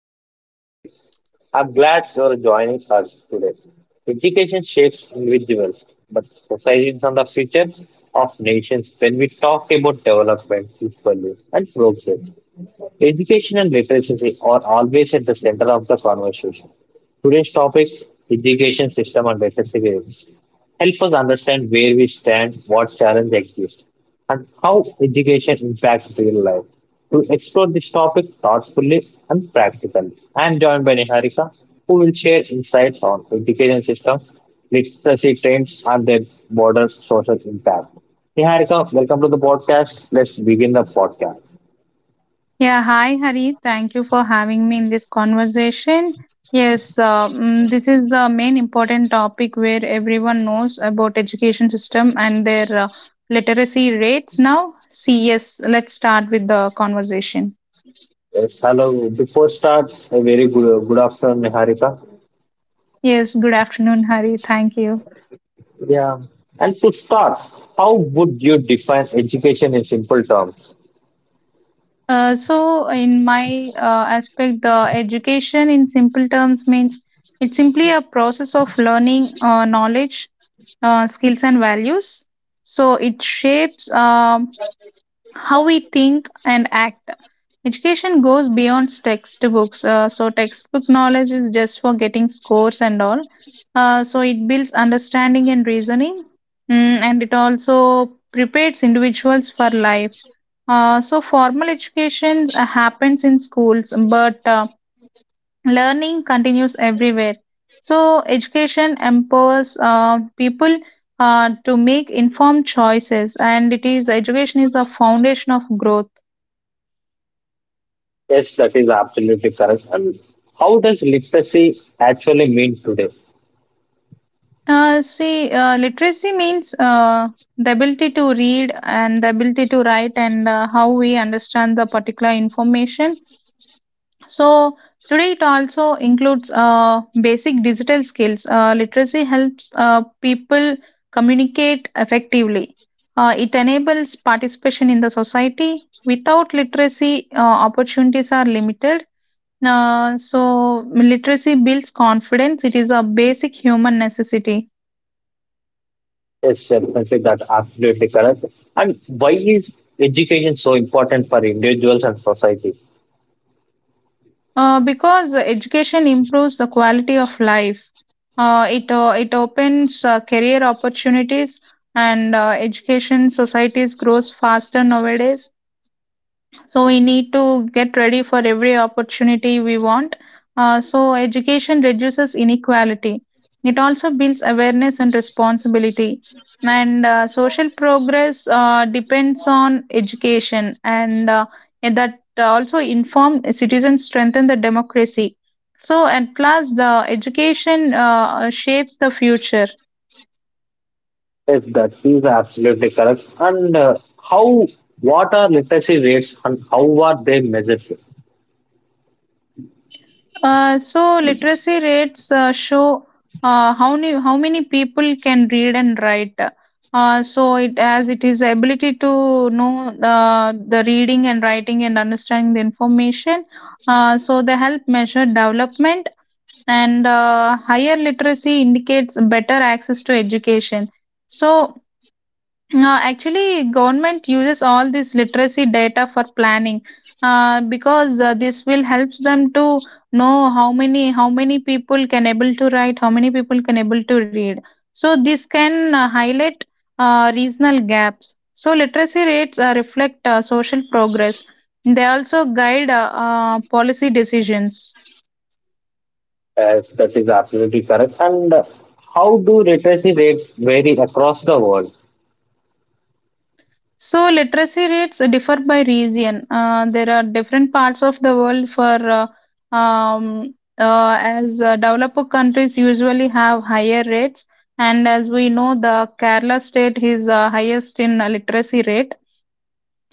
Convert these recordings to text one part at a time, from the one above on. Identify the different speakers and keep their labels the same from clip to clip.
Speaker 1: host, Harish. I'm glad you're joining us today. Education shapes individuals, but societies are the future of nations when we talk about development, equality, and progress. Education and literacy are always at the center of the conversation. Today's topic, education system and literacy rates, help us understand where we stand, what challenges exist, and how education impacts real life. To explore this topic thoughtfully and practically, I am joined by Niharika, who will share insights on education system, literacy trends, and their broader social impact. Niharika, welcome to the podcast. Let's begin the podcast.
Speaker 2: Yeah, hi Hari. Thank you for having me in this conversation. Yes, this is the main important topic where everyone knows about education system and their literacy rates now. See, yes, let's start with the conversation.
Speaker 1: Yes, hello. Before start, a very good, good afternoon, Niharika.
Speaker 2: Yes, good afternoon, Hari. Thank you.
Speaker 1: Yeah, and to start, how would you define education in simple terms?
Speaker 2: In my aspect, the education in simple terms means it's simply a process of learning knowledge, skills, and values. So, it shapes. How we think and act. Education goes beyond textbooks. Textbook knowledge is just for getting scores and all. It builds understanding and reasoning, and it also prepares individuals for life. Formal education happens in schools, but learning continues everywhere. So, education empowers people to make informed choices, and it is education is a foundation of growth.
Speaker 1: Yes, that is absolutely correct. And how does literacy actually mean today?
Speaker 2: Literacy means the ability to read and the ability to write and how we understand the particular information. So, today it also includes basic digital skills. Literacy helps people communicate effectively, it enables participation in the society. Without literacy, opportunities are limited. Literacy builds confidence, it is a basic human necessity.
Speaker 1: Yes, definitely that absolutely correct. And why is education so important for individuals and society?
Speaker 2: Because education improves the quality of life. It opens career opportunities, and education societies grows faster nowadays, so we need to get ready for every opportunity we want. So education reduces inequality. It also builds awareness and responsibility, and social progress depends on education. And that also Informed citizens strengthen the democracy. So at last, the education shapes the future.
Speaker 1: Yes, that is absolutely correct. And how, what are literacy rates and how are they measured?
Speaker 2: So literacy rates show how many people can read and write. So it as it is ability to know the reading and writing and understanding the information. So they help measure development, and higher literacy indicates better access to education. So actually, government uses all this literacy data for planning, because this will helps them to know how many people can able to write, how many people can able to read. So this can highlight regional gaps. So literacy rates reflect social progress. They also guide policy decisions.
Speaker 1: Yes, that is absolutely correct. And how do literacy rates vary across the world?
Speaker 2: So, literacy rates differ by region. There are different parts of the world for as developed countries usually have higher rates, and as we know, the Kerala state is highest in literacy rate.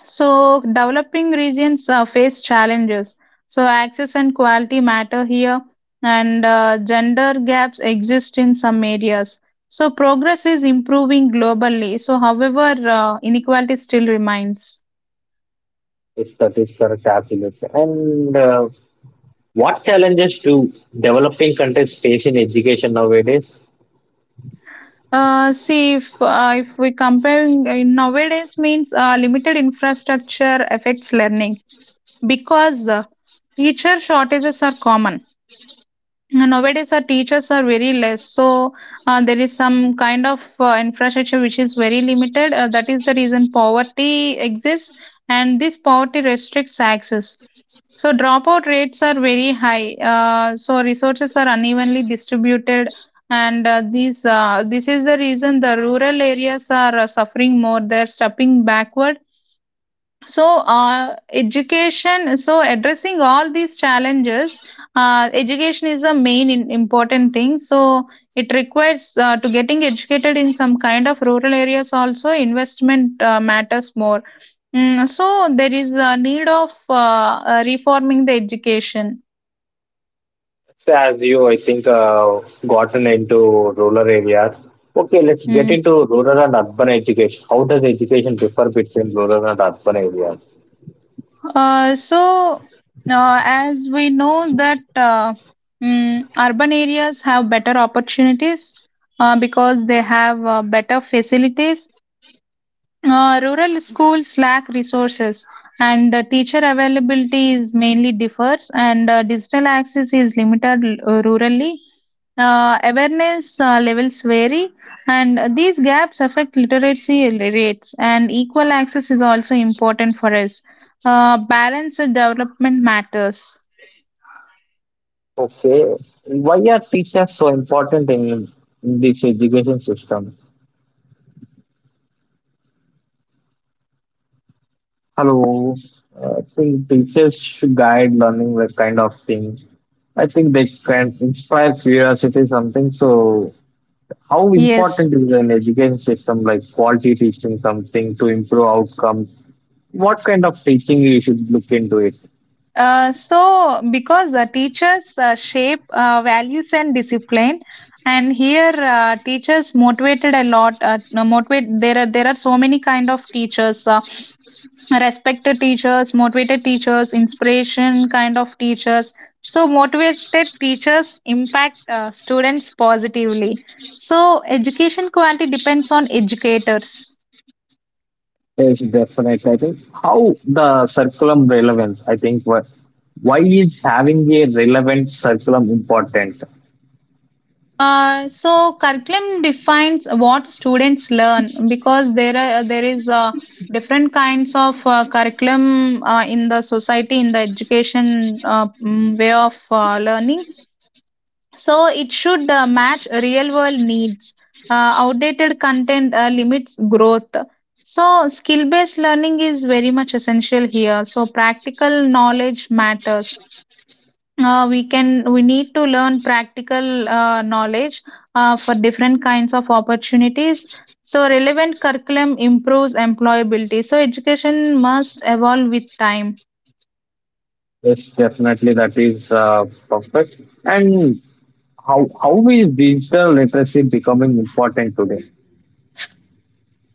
Speaker 2: So, developing regions face challenges. So, access and quality matter here, and gender gaps exist in some areas. So, progress is improving globally. So, however, inequality still remains.
Speaker 1: Yes, that is correct, absolutely. And what challenges do developing countries face in education nowadays?
Speaker 2: See, if, If we comparing nowadays means limited infrastructure affects learning, because teacher shortages are common. Nowadays, our teachers are very less, so there is some kind of infrastructure which is very limited. That is the reason poverty exists, and this poverty restricts access. So dropout rates are very high. So resources are unevenly distributed, and these this is the reason the rural areas are suffering more. They're stepping backward, so education, so addressing all these challenges, education is a important thing. So, it requires to getting educated in some kind of rural areas also, investment matters more. So, there is a need of reforming the education.
Speaker 1: So as you, I think, gotten into rural areas. Okay, let's get
Speaker 2: Mm.
Speaker 1: into rural and urban education. How does education differ between rural and urban areas?
Speaker 2: Uh, so, as we know that urban areas have better opportunities because they have better facilities. Rural schools lack resources, and teacher availability is mainly differs, and digital access is limited rurally. Awareness levels vary, and these gaps affect literacy rates, and equal access is also important for us. Balanced development matters.
Speaker 1: Okay, why are teachers so important in this education system? Hello. I think teachers should guide learning that kind of thing. I think they can inspire curiosity something. So how important
Speaker 2: Yes.
Speaker 1: is an education system like quality teaching something to improve outcomes? What kind of teaching you should look into it?
Speaker 2: Because teachers shape values and discipline, and here teachers motivated a lot. No, motivate There are so many kind of teachers. Respected teachers, motivated teachers, inspiration kind of teachers. So, motivated teachers impact students positively. So, education quality depends on educators.
Speaker 1: Yes, definitely. I think how the curriculum relevance. I think what why is having a relevant curriculum important?
Speaker 2: Curriculum defines what students learn, because there is different kinds of curriculum in the society, in the education way of learning. So it should match real world needs. Outdated content limits growth. So skill based learning is very much essential here. So practical knowledge matters. We need to learn practical knowledge for different kinds of opportunities. So relevant curriculum improves employability. So education must evolve with time.
Speaker 1: Yes, definitely that is perfect. And how is digital literacy becoming important today?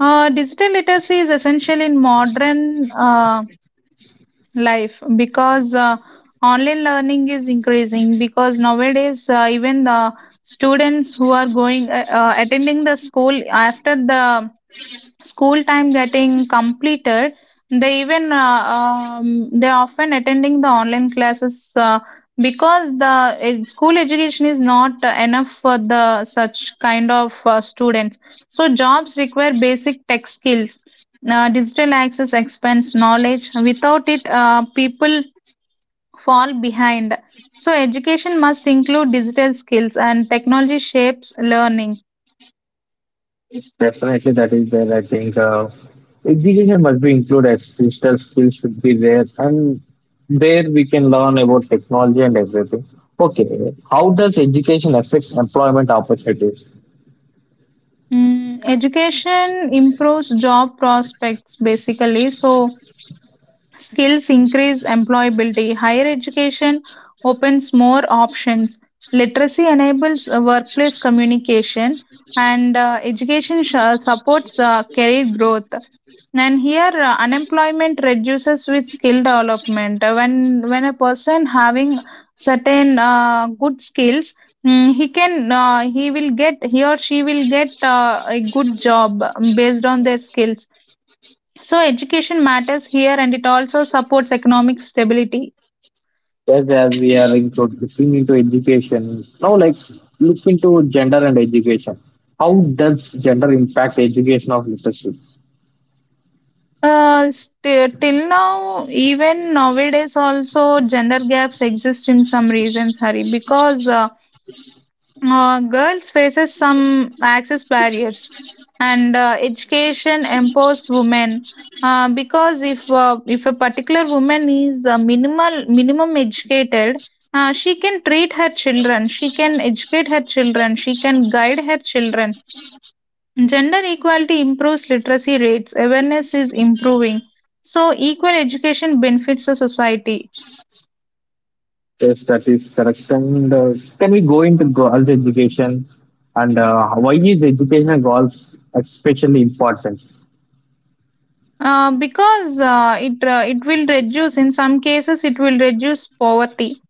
Speaker 2: Digital literacy is essential in modern life, because online learning is increasing, because nowadays even the students who are going attending the school, after the school time getting completed, they even they often attending the online classes, because the school education is not enough for the such kind of students. So jobs require basic tech skills. Uh, digital access expands knowledge. Without it, people fall behind. So education must include digital skills, and technology shapes learning.
Speaker 1: Definitely, that is there. I think education must be included. As digital skills should be there, and there we can learn about technology and everything. Okay, how does education affect employment opportunities?
Speaker 2: Education improves job prospects basically, so skills increase employability. Higher education opens more options. Literacy enables workplace communication, and education supports career growth. And here, unemployment reduces with skill development. When a person having certain good skills, he will get, he or she will get a good job based on their skills. So education matters here, and it also supports economic stability.
Speaker 1: Yes, as we are into looking into education now, like look into gender and education. How does gender impact education of literacy?
Speaker 2: Till now, even nowadays, also gender gaps exist in some reasons, Hari, because. Girls faces some access barriers, and education empowers women, because if a particular woman is minimal minimum educated, she can treat her children, she can educate her children, she can guide her children. Gender equality improves literacy rates. Awareness is improving, so equal education benefits the society.
Speaker 1: Yes, that is correct. And can we go into girls' education and why is education in golf especially important?
Speaker 2: Because it will reduce, in some cases it will reduce poverty.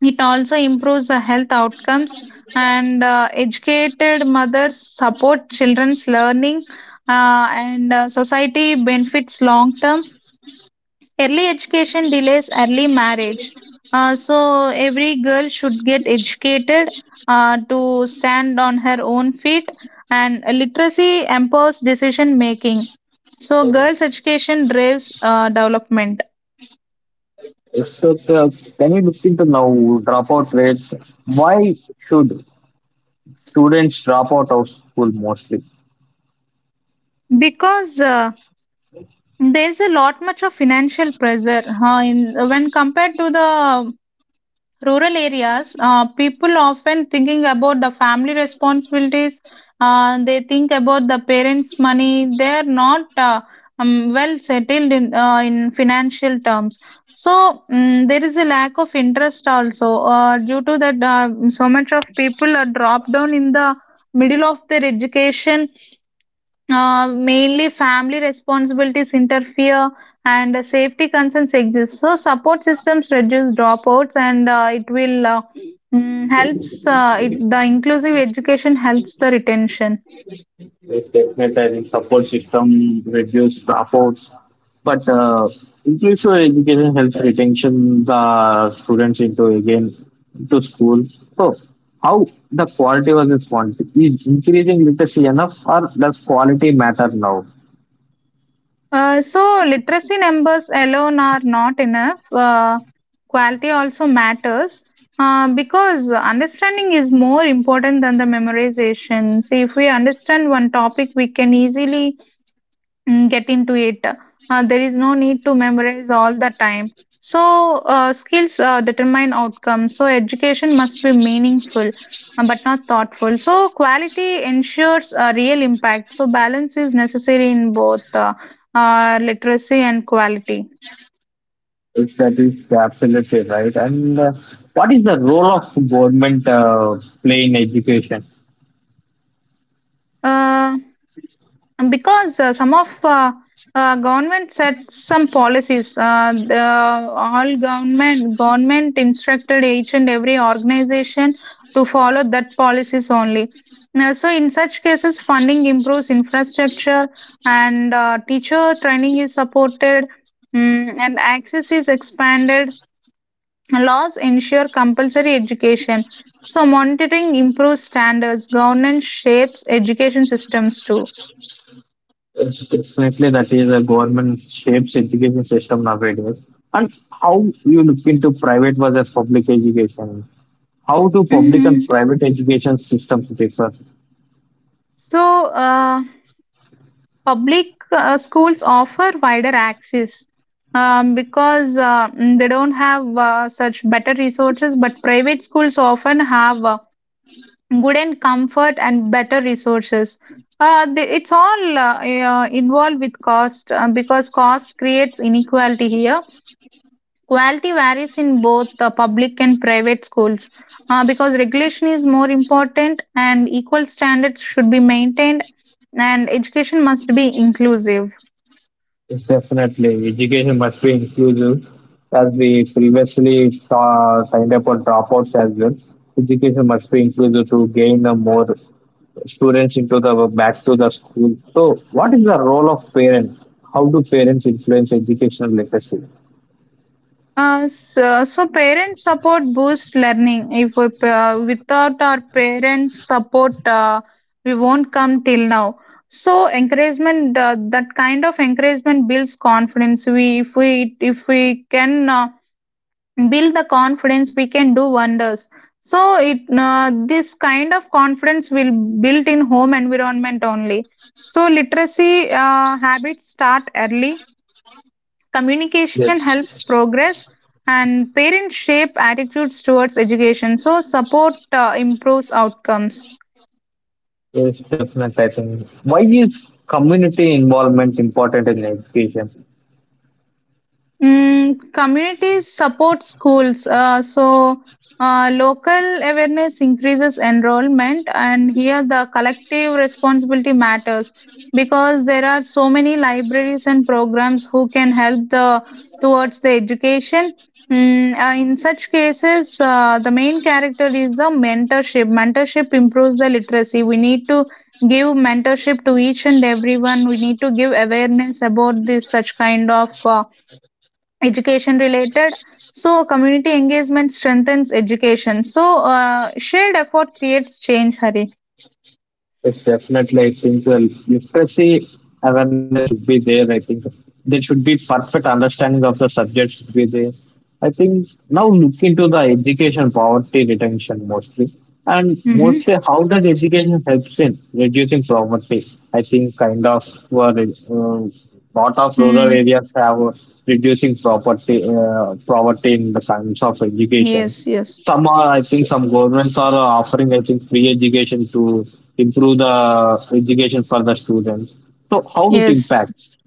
Speaker 2: It also improves the health outcomes, and educated mothers support children's learning, and society benefits long term. Early education delays early marriage. So every girl should get educated to stand on her own feet, and literacy empowers decision making. So girls' education drives development.
Speaker 1: Yes, so, can we look into now dropout rates? Why should students drop out of school mostly?
Speaker 2: Because There's a lot much of financial pressure, in when compared to the rural areas. People often thinking about the family responsibilities. They think about the parents' money. They're not well settled in financial terms. So there is a lack of interest also due to that. So much of people are dropped down in the middle of their education, mainly family responsibilities interfere, and safety concerns exist. So support systems reduce dropouts, and it will mm, helps it, the inclusive education helps the retention.
Speaker 1: Yes, definitely. Support system reduce dropouts, but inclusive education helps retention the students into again to school. So, how the quality was responded is increasing literacy enough, or does quality matter now?
Speaker 2: So literacy numbers alone are not enough. Quality also matters, because understanding is more important than the memorization. See, if we understand one topic, we can easily get into it. There is no need to memorize all the time. So, skills determine outcomes. So, education must be meaningful, but not thoughtful. So, quality ensures a real impact. So, balance is necessary in both literacy and quality.
Speaker 1: If that is absolutely right, and what is the role of government play in education?
Speaker 2: Uh, And because some of government set some policies, all government instructed each and every organization to follow that policies only now, so in such cases funding improves infrastructure, and teacher training is supported, and access is expanded. Laws ensure compulsory education, so monitoring improves standards. Governance shapes education systems too.
Speaker 1: It's definitely that is a government shapes education system nowadays. And how you look into private versus public education? How do public and
Speaker 2: Mhm.
Speaker 1: private education systems differ?
Speaker 2: So, public schools offer wider access, because they don't have such better resources, but private schools often have good and comfort and better resources. It's all involved with cost, because cost creates inequality here. Quality varies in both the public and private schools, because regulation is more important, and equal standards should be maintained, and education must be inclusive.
Speaker 1: It's definitely education must be inclusive, as we previously saw, signed up on dropouts as well. Education must be inclusive to gain a more students into the back to the school. So, what is the role of parents? How do parents influence educational literacy?
Speaker 2: So, parent support boosts learning. If we, Without our parents' support, we won't come till now. So encouragement, that kind of encouragement builds confidence. If we can. Build the confidence we can do wonders. So it This kind of confidence will built in home environment only. So literacy habits start early, communication
Speaker 1: Yes.
Speaker 2: helps progress, and parents shape attitudes towards education. So support improves outcomes.
Speaker 1: Yes, definitely. I think why is community involvement important in education?
Speaker 2: Communities support schools, local awareness increases enrollment, and here the collective responsibility matters, because there are so many libraries and programs who can help the towards the education. In such cases, the main character is the mentorship. Mentorship improves the literacy. We need to give mentorship to each and everyone. We need to give awareness about this such kind of education related. So community engagement strengthens education. Shared effort creates change, hari.
Speaker 1: It's definitely. I think the literacy awareness should be there. I think there should be perfect understanding of the subject should be there. I think now look into the education poverty retention mostly. And mostly
Speaker 2: Mm-hmm.
Speaker 1: how does education helps in reducing poverty? I think kind of lot of rural
Speaker 2: Mm.
Speaker 1: areas have reducing property poverty in the kinds of education,
Speaker 2: Yes, yes.
Speaker 1: some are I think
Speaker 2: So,
Speaker 1: some governments are offering I think free education to improve the education for the students, so how it
Speaker 2: yes.
Speaker 1: impacts.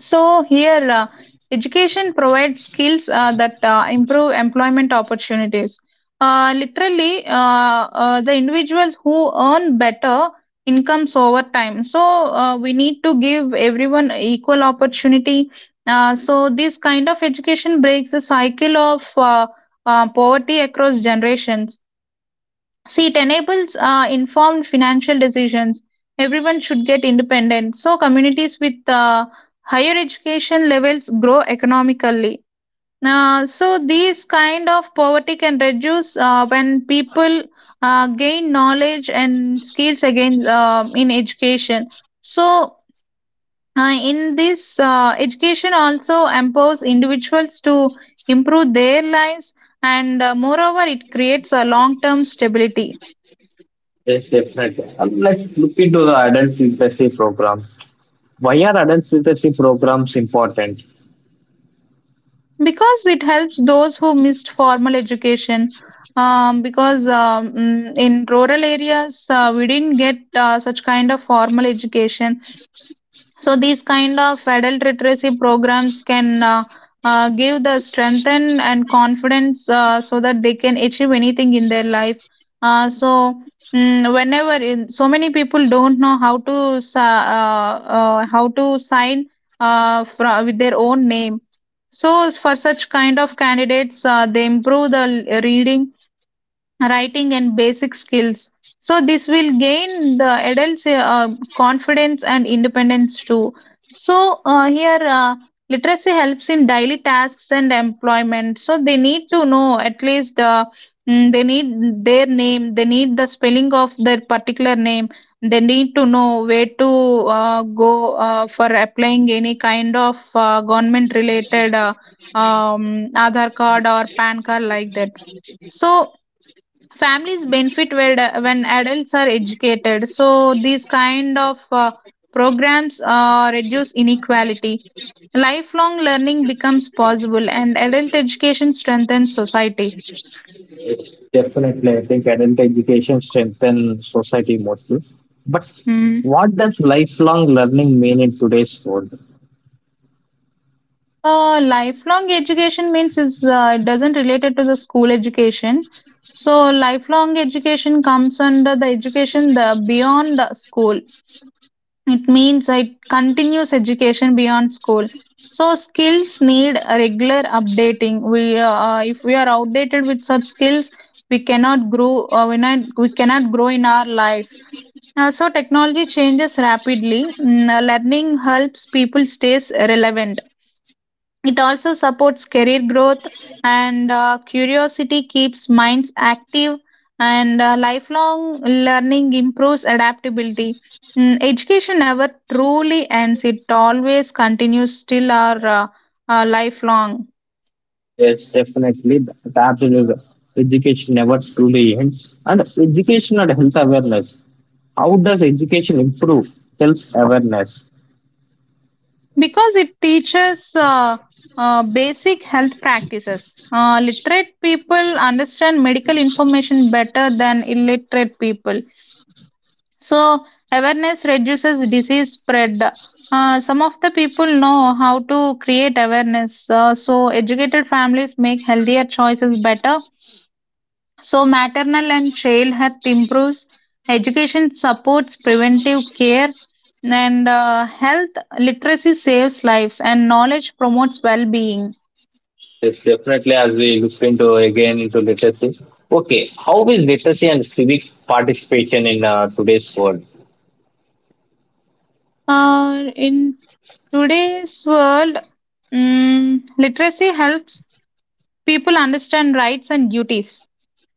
Speaker 2: So here, education provides skills that improve employment opportunities. Literally, the individuals who earn better incomes over time. So we need to give everyone equal opportunity. So this kind of education breaks the cycle of poverty across generations. See, it enables informed financial decisions. Everyone should get independent. So, communities with higher education levels grow economically. So, these kind of poverty can reduce when people gain knowledge and skills again in education. So, in this, education also empowers individuals to improve their lives, and moreover, it creates a long term stability.
Speaker 1: Yes, definitely. Let's look into the adult literacy program. Why are adult literacy programs important?
Speaker 2: Because it helps those who missed formal education, because in rural areas we didn't get such kind of formal education. So these kind of adult literacy programs can give the strength and confidence, so that they can achieve anything in their life. Uh, so Whenever in, so many people don't know how to how to sign with their own name. So for such kind of candidates, they improve the reading, writing and basic skills. So this will gain the adults confidence and independence too. So here literacy helps in daily tasks and employment. So they need to know at least, they need their name, they need the spelling of their particular name. They need to know where to go for applying any kind of government related, Aadhaar card or PAN card like that. So families benefit when adults are educated. So these kind of programs reduce inequality. Lifelong learning becomes possible, and adult education strengthens society.
Speaker 1: Yes, definitely, I think adult education strengthens society mostly, but
Speaker 2: Hmm.
Speaker 1: what does lifelong learning mean in today's world?
Speaker 2: Lifelong education means is, it doesn't related to the school education. So lifelong education comes under the education the beyond school. It means it continues education beyond school. So skills need a regular updating. We If we are outdated with such skills, we cannot grow. We cannot grow in our life. So technology changes rapidly. Learning helps people stays relevant. It also supports career growth, and curiosity keeps minds active, and lifelong learning improves adaptability. Education never truly ends, it always continues till our lifelong.
Speaker 1: Yes, definitely. That's absolutely. Education never truly ends. And education and health awareness. How does education improve self awareness?
Speaker 2: Because it teaches basic health practices. Literate people understand medical information better than illiterate people. So, awareness reduces disease spread. Some of the people know how to create awareness. So, educated families make healthier choices better. So, maternal and child health improves. Education supports preventive care. And health literacy saves lives, and knowledge promotes well being.
Speaker 1: Yes, definitely. As we look into again into literacy. Okay, how is literacy and civic participation in today's world?
Speaker 2: In today's world, literacy helps people understand rights and duties.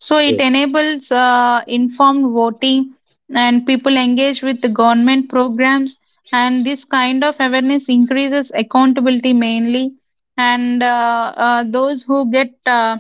Speaker 2: So it
Speaker 1: Yes.
Speaker 2: enables informed voting, and people engage with the government programs. And this kind of awareness increases accountability mainly. And those who get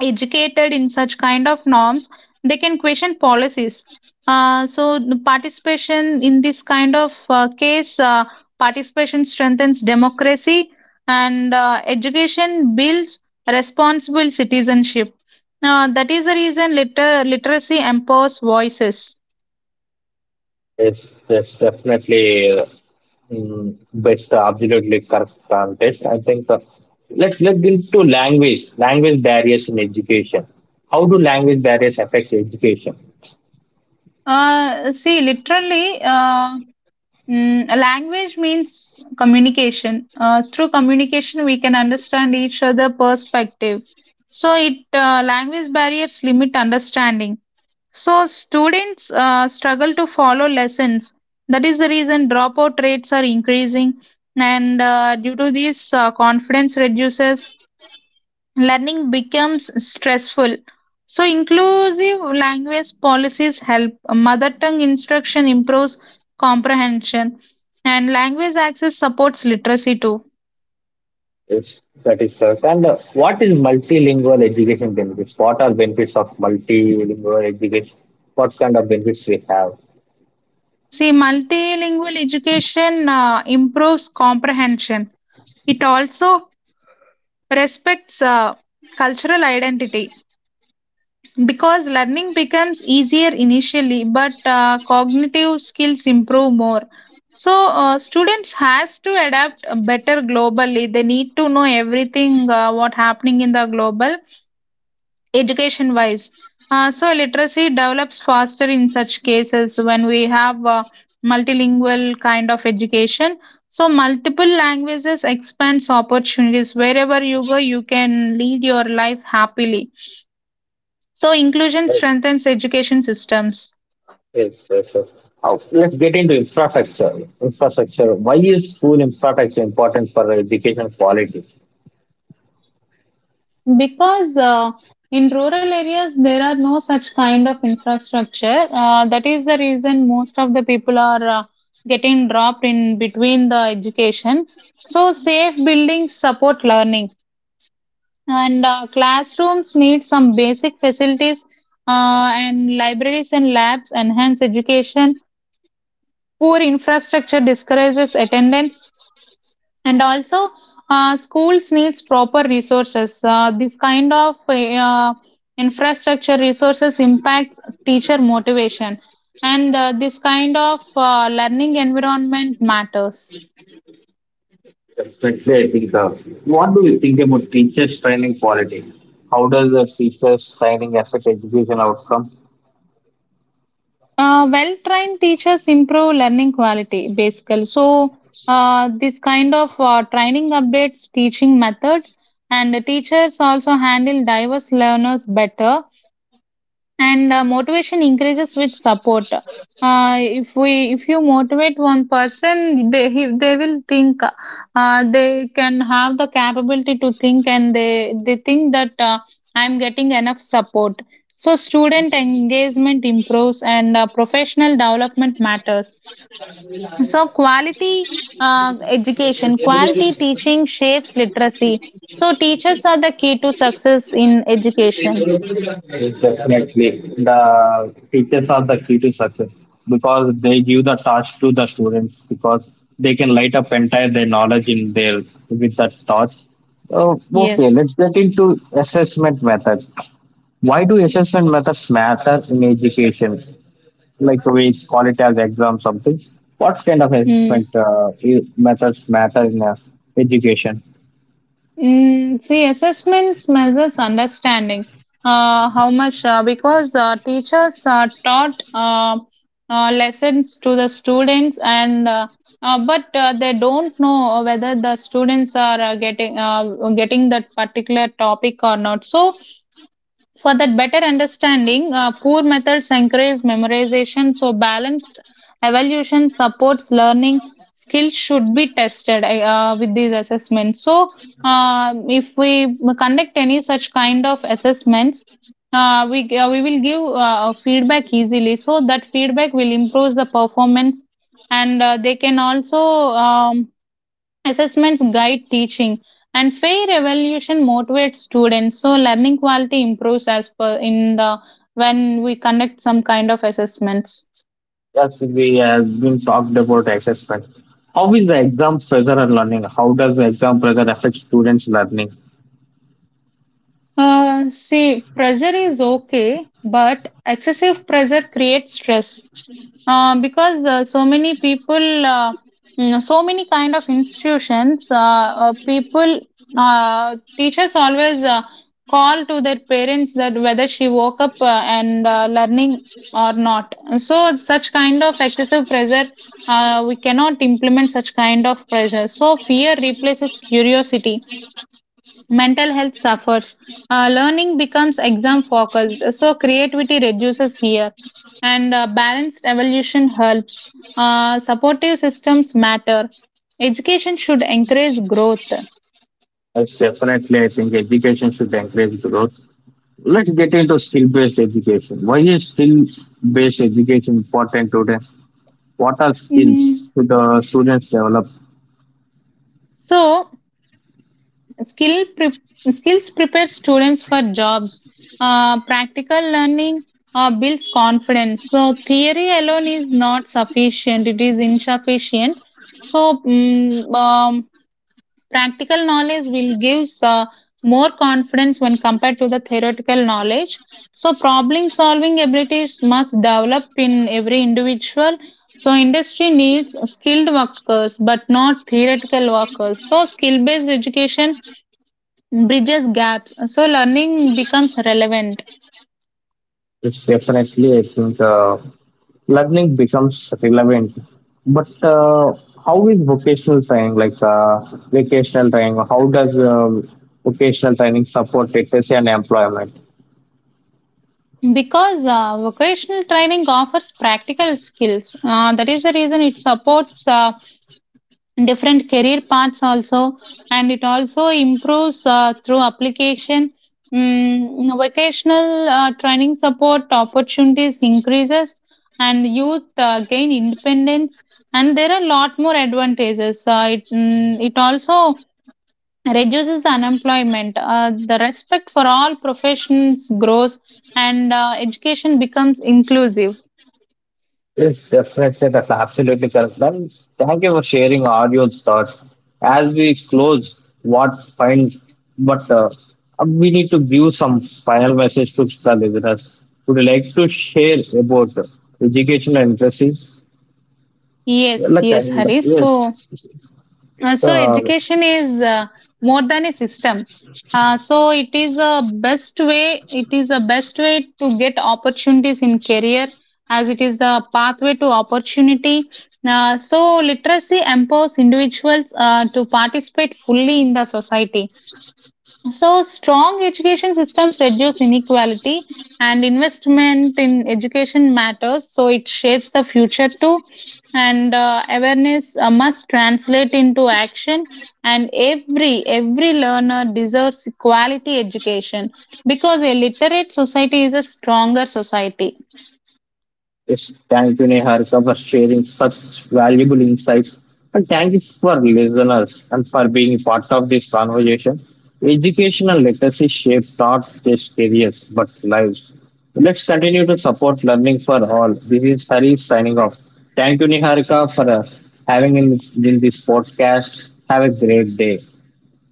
Speaker 2: educated in such kind of norms, they can question policies. So the participation in this kind of case participation strengthens democracy, and education builds responsible citizenship. That is the reason literacy empowers voices.
Speaker 1: It's definitely best, absolutely correct context. I think let's get into language barriers in education. How do language barriers affect education?
Speaker 2: See, a language means communication. Through communication, we can understand each other' perspective. So, it language barriers limit understanding. So, students struggle to follow lessons. That is the reason dropout rates are increasing, and due to this, confidence reduces, learning becomes stressful. So, inclusive language policies help. Mother tongue instruction improves comprehension, and language access supports literacy too.
Speaker 1: Yes, that is correct. And what is multilingual education benefits? What are benefits of multilingual education? What kind of benefits we have?
Speaker 2: See, multilingual education improves comprehension. It also respects cultural identity. Because learning becomes easier initially, but cognitive skills improve more. So students has to adapt better globally. They need to know everything what happening in the global education wise. So literacy develops faster in such cases when we have multilingual kind of education. So multiple languages expands opportunities. Wherever you go, you can lead your life happily. So inclusion
Speaker 1: Yes,
Speaker 2: strengthens education systems.
Speaker 1: yes, yes, yes. Now, let's get into infrastructure. Infrastructure. Why is school infrastructure important for education quality?
Speaker 2: Because in rural areas there are no such kind of infrastructure. That is the reason most of the people are getting dropped in between the education. So safe buildings support learning, and classrooms need some basic facilities, and libraries and labs enhance education. Poor infrastructure discourages attendance. And also schools needs proper resources. This kind of infrastructure resources impacts teacher motivation, and this kind of learning environment matters.
Speaker 1: Definitely, I think. What do you think about teachers' training quality? How does the teachers' training affect education outcome?
Speaker 2: Well trained teachers improve learning quality basically. So this kind of training updates teaching methods, and the teachers also handle diverse learners better, and motivation increases with support. If we if you motivate one person, they he, they will think they can have the capability to think, and they think that I'm getting enough support. So student engagement improves, and professional development matters. So quality uh, education quality teaching shapes literacy. So teachers are the key to success in education.
Speaker 1: Yes, definitely, the teachers are the key to success because they give the thoughts to the students because they can light up entire their knowledge in their with that thoughts. Oh, okay,
Speaker 2: Yes.
Speaker 1: let's get into assessment methods. Why do assessment methods matter in education? Like we call it as exam something. What kind of
Speaker 2: Hmm.
Speaker 1: assessment methods matter in education?
Speaker 2: See, assessments measures understanding. How much? Because teachers taught lessons to the students, and but they don't know whether the students are getting that particular topic or not. So for that better understanding, poor methods encourage memorization, so balanced evaluation supports learning. Skills should be tested with these assessments. So, if we conduct any such kind of assessments, we will give feedback easily. So that feedback will improve the performance, and they can also um, assessments guide teaching, and fair evaluation motivates students. So learning quality improves as per in the when we conduct some kind of assessments.
Speaker 1: Yes, we have been talked about assessment. How is the exam pressure on learning? How does the exam pressure affect students' learning?
Speaker 2: See, pressure is okay, but excessive pressure creates stress. Because so many people, so many kind of institutions, people, teachers always call to their parents that whether she woke up and learning or not. So such kind of excessive pressure, we cannot implement such kind of pressure. So fear replaces curiosity, mental health suffers. Learning becomes exam focused, so creativity reduces here, and balanced evolution helps. Supportive systems matter. Education should encourage growth.
Speaker 1: Yes, definitely, I think education should encourage growth. Let's get into skill-based education. Why is skill-based education important today? What are skills
Speaker 2: Mhm.
Speaker 1: should the students develop?
Speaker 2: So, skill pre- skills prepare students for jobs. Practical learning builds confidence. So, theory alone is not sufficient, it is insufficient. So, practical knowledge will gives more confidence when compared to the theoretical knowledge. So problem solving abilities must develop in every individual. So industry needs skilled workers but not theoretical workers. So skill based education bridges gaps. So learning becomes relevant.
Speaker 1: It's definitely, I think, learning becomes relevant. But how is vocational training, like vocational training, how does vocational training support literacy and employment?
Speaker 2: Because vocational training offers practical skills. That is the reason it supports different career paths also, and it also improves through application. Vocational training support opportunities increases, and youth gain independence. And there are a lot more advantages. It also reduces the unemployment. The respect for all professions grows, and education becomes inclusive.
Speaker 1: Yes, definitely, that's absolutely correct. And thank you for sharing all your thoughts. As we close, what find, but we need to give some final message to the listeners. Would you like to share about education and literacy?
Speaker 2: Yes,
Speaker 1: Like I
Speaker 2: yes,
Speaker 1: of,
Speaker 2: haris.
Speaker 1: yes.
Speaker 2: So
Speaker 1: Uh,
Speaker 2: education is more than a system. It is a best way to get opportunities in career, as it is a pathway to opportunity. So literacy empowers individuals to participate fully in the society. So, strong education systems reduce inequality, and investment in education matters. So, it shapes the future too. And awareness must translate into action. And every learner deserves quality education, because a literate society is a stronger society.
Speaker 1: yes. Thank you, Niharika, for sharing such valuable insights. And thank you for listeners and for being part of this conversation. Educational literacy shapes not just careers but lives. Let's continue to support learning for all. This is Hari signing off. Thank you, Niharika, for having in this podcast. Have a great day.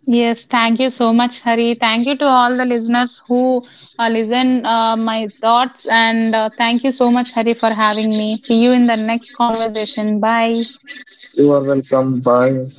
Speaker 2: Yes, thank you so much, Hari. Thank you to all the listeners who listen my thoughts, and thank you so much, Hari, for having me. See you in the next conversation. Bye.
Speaker 1: You are welcome. Bye.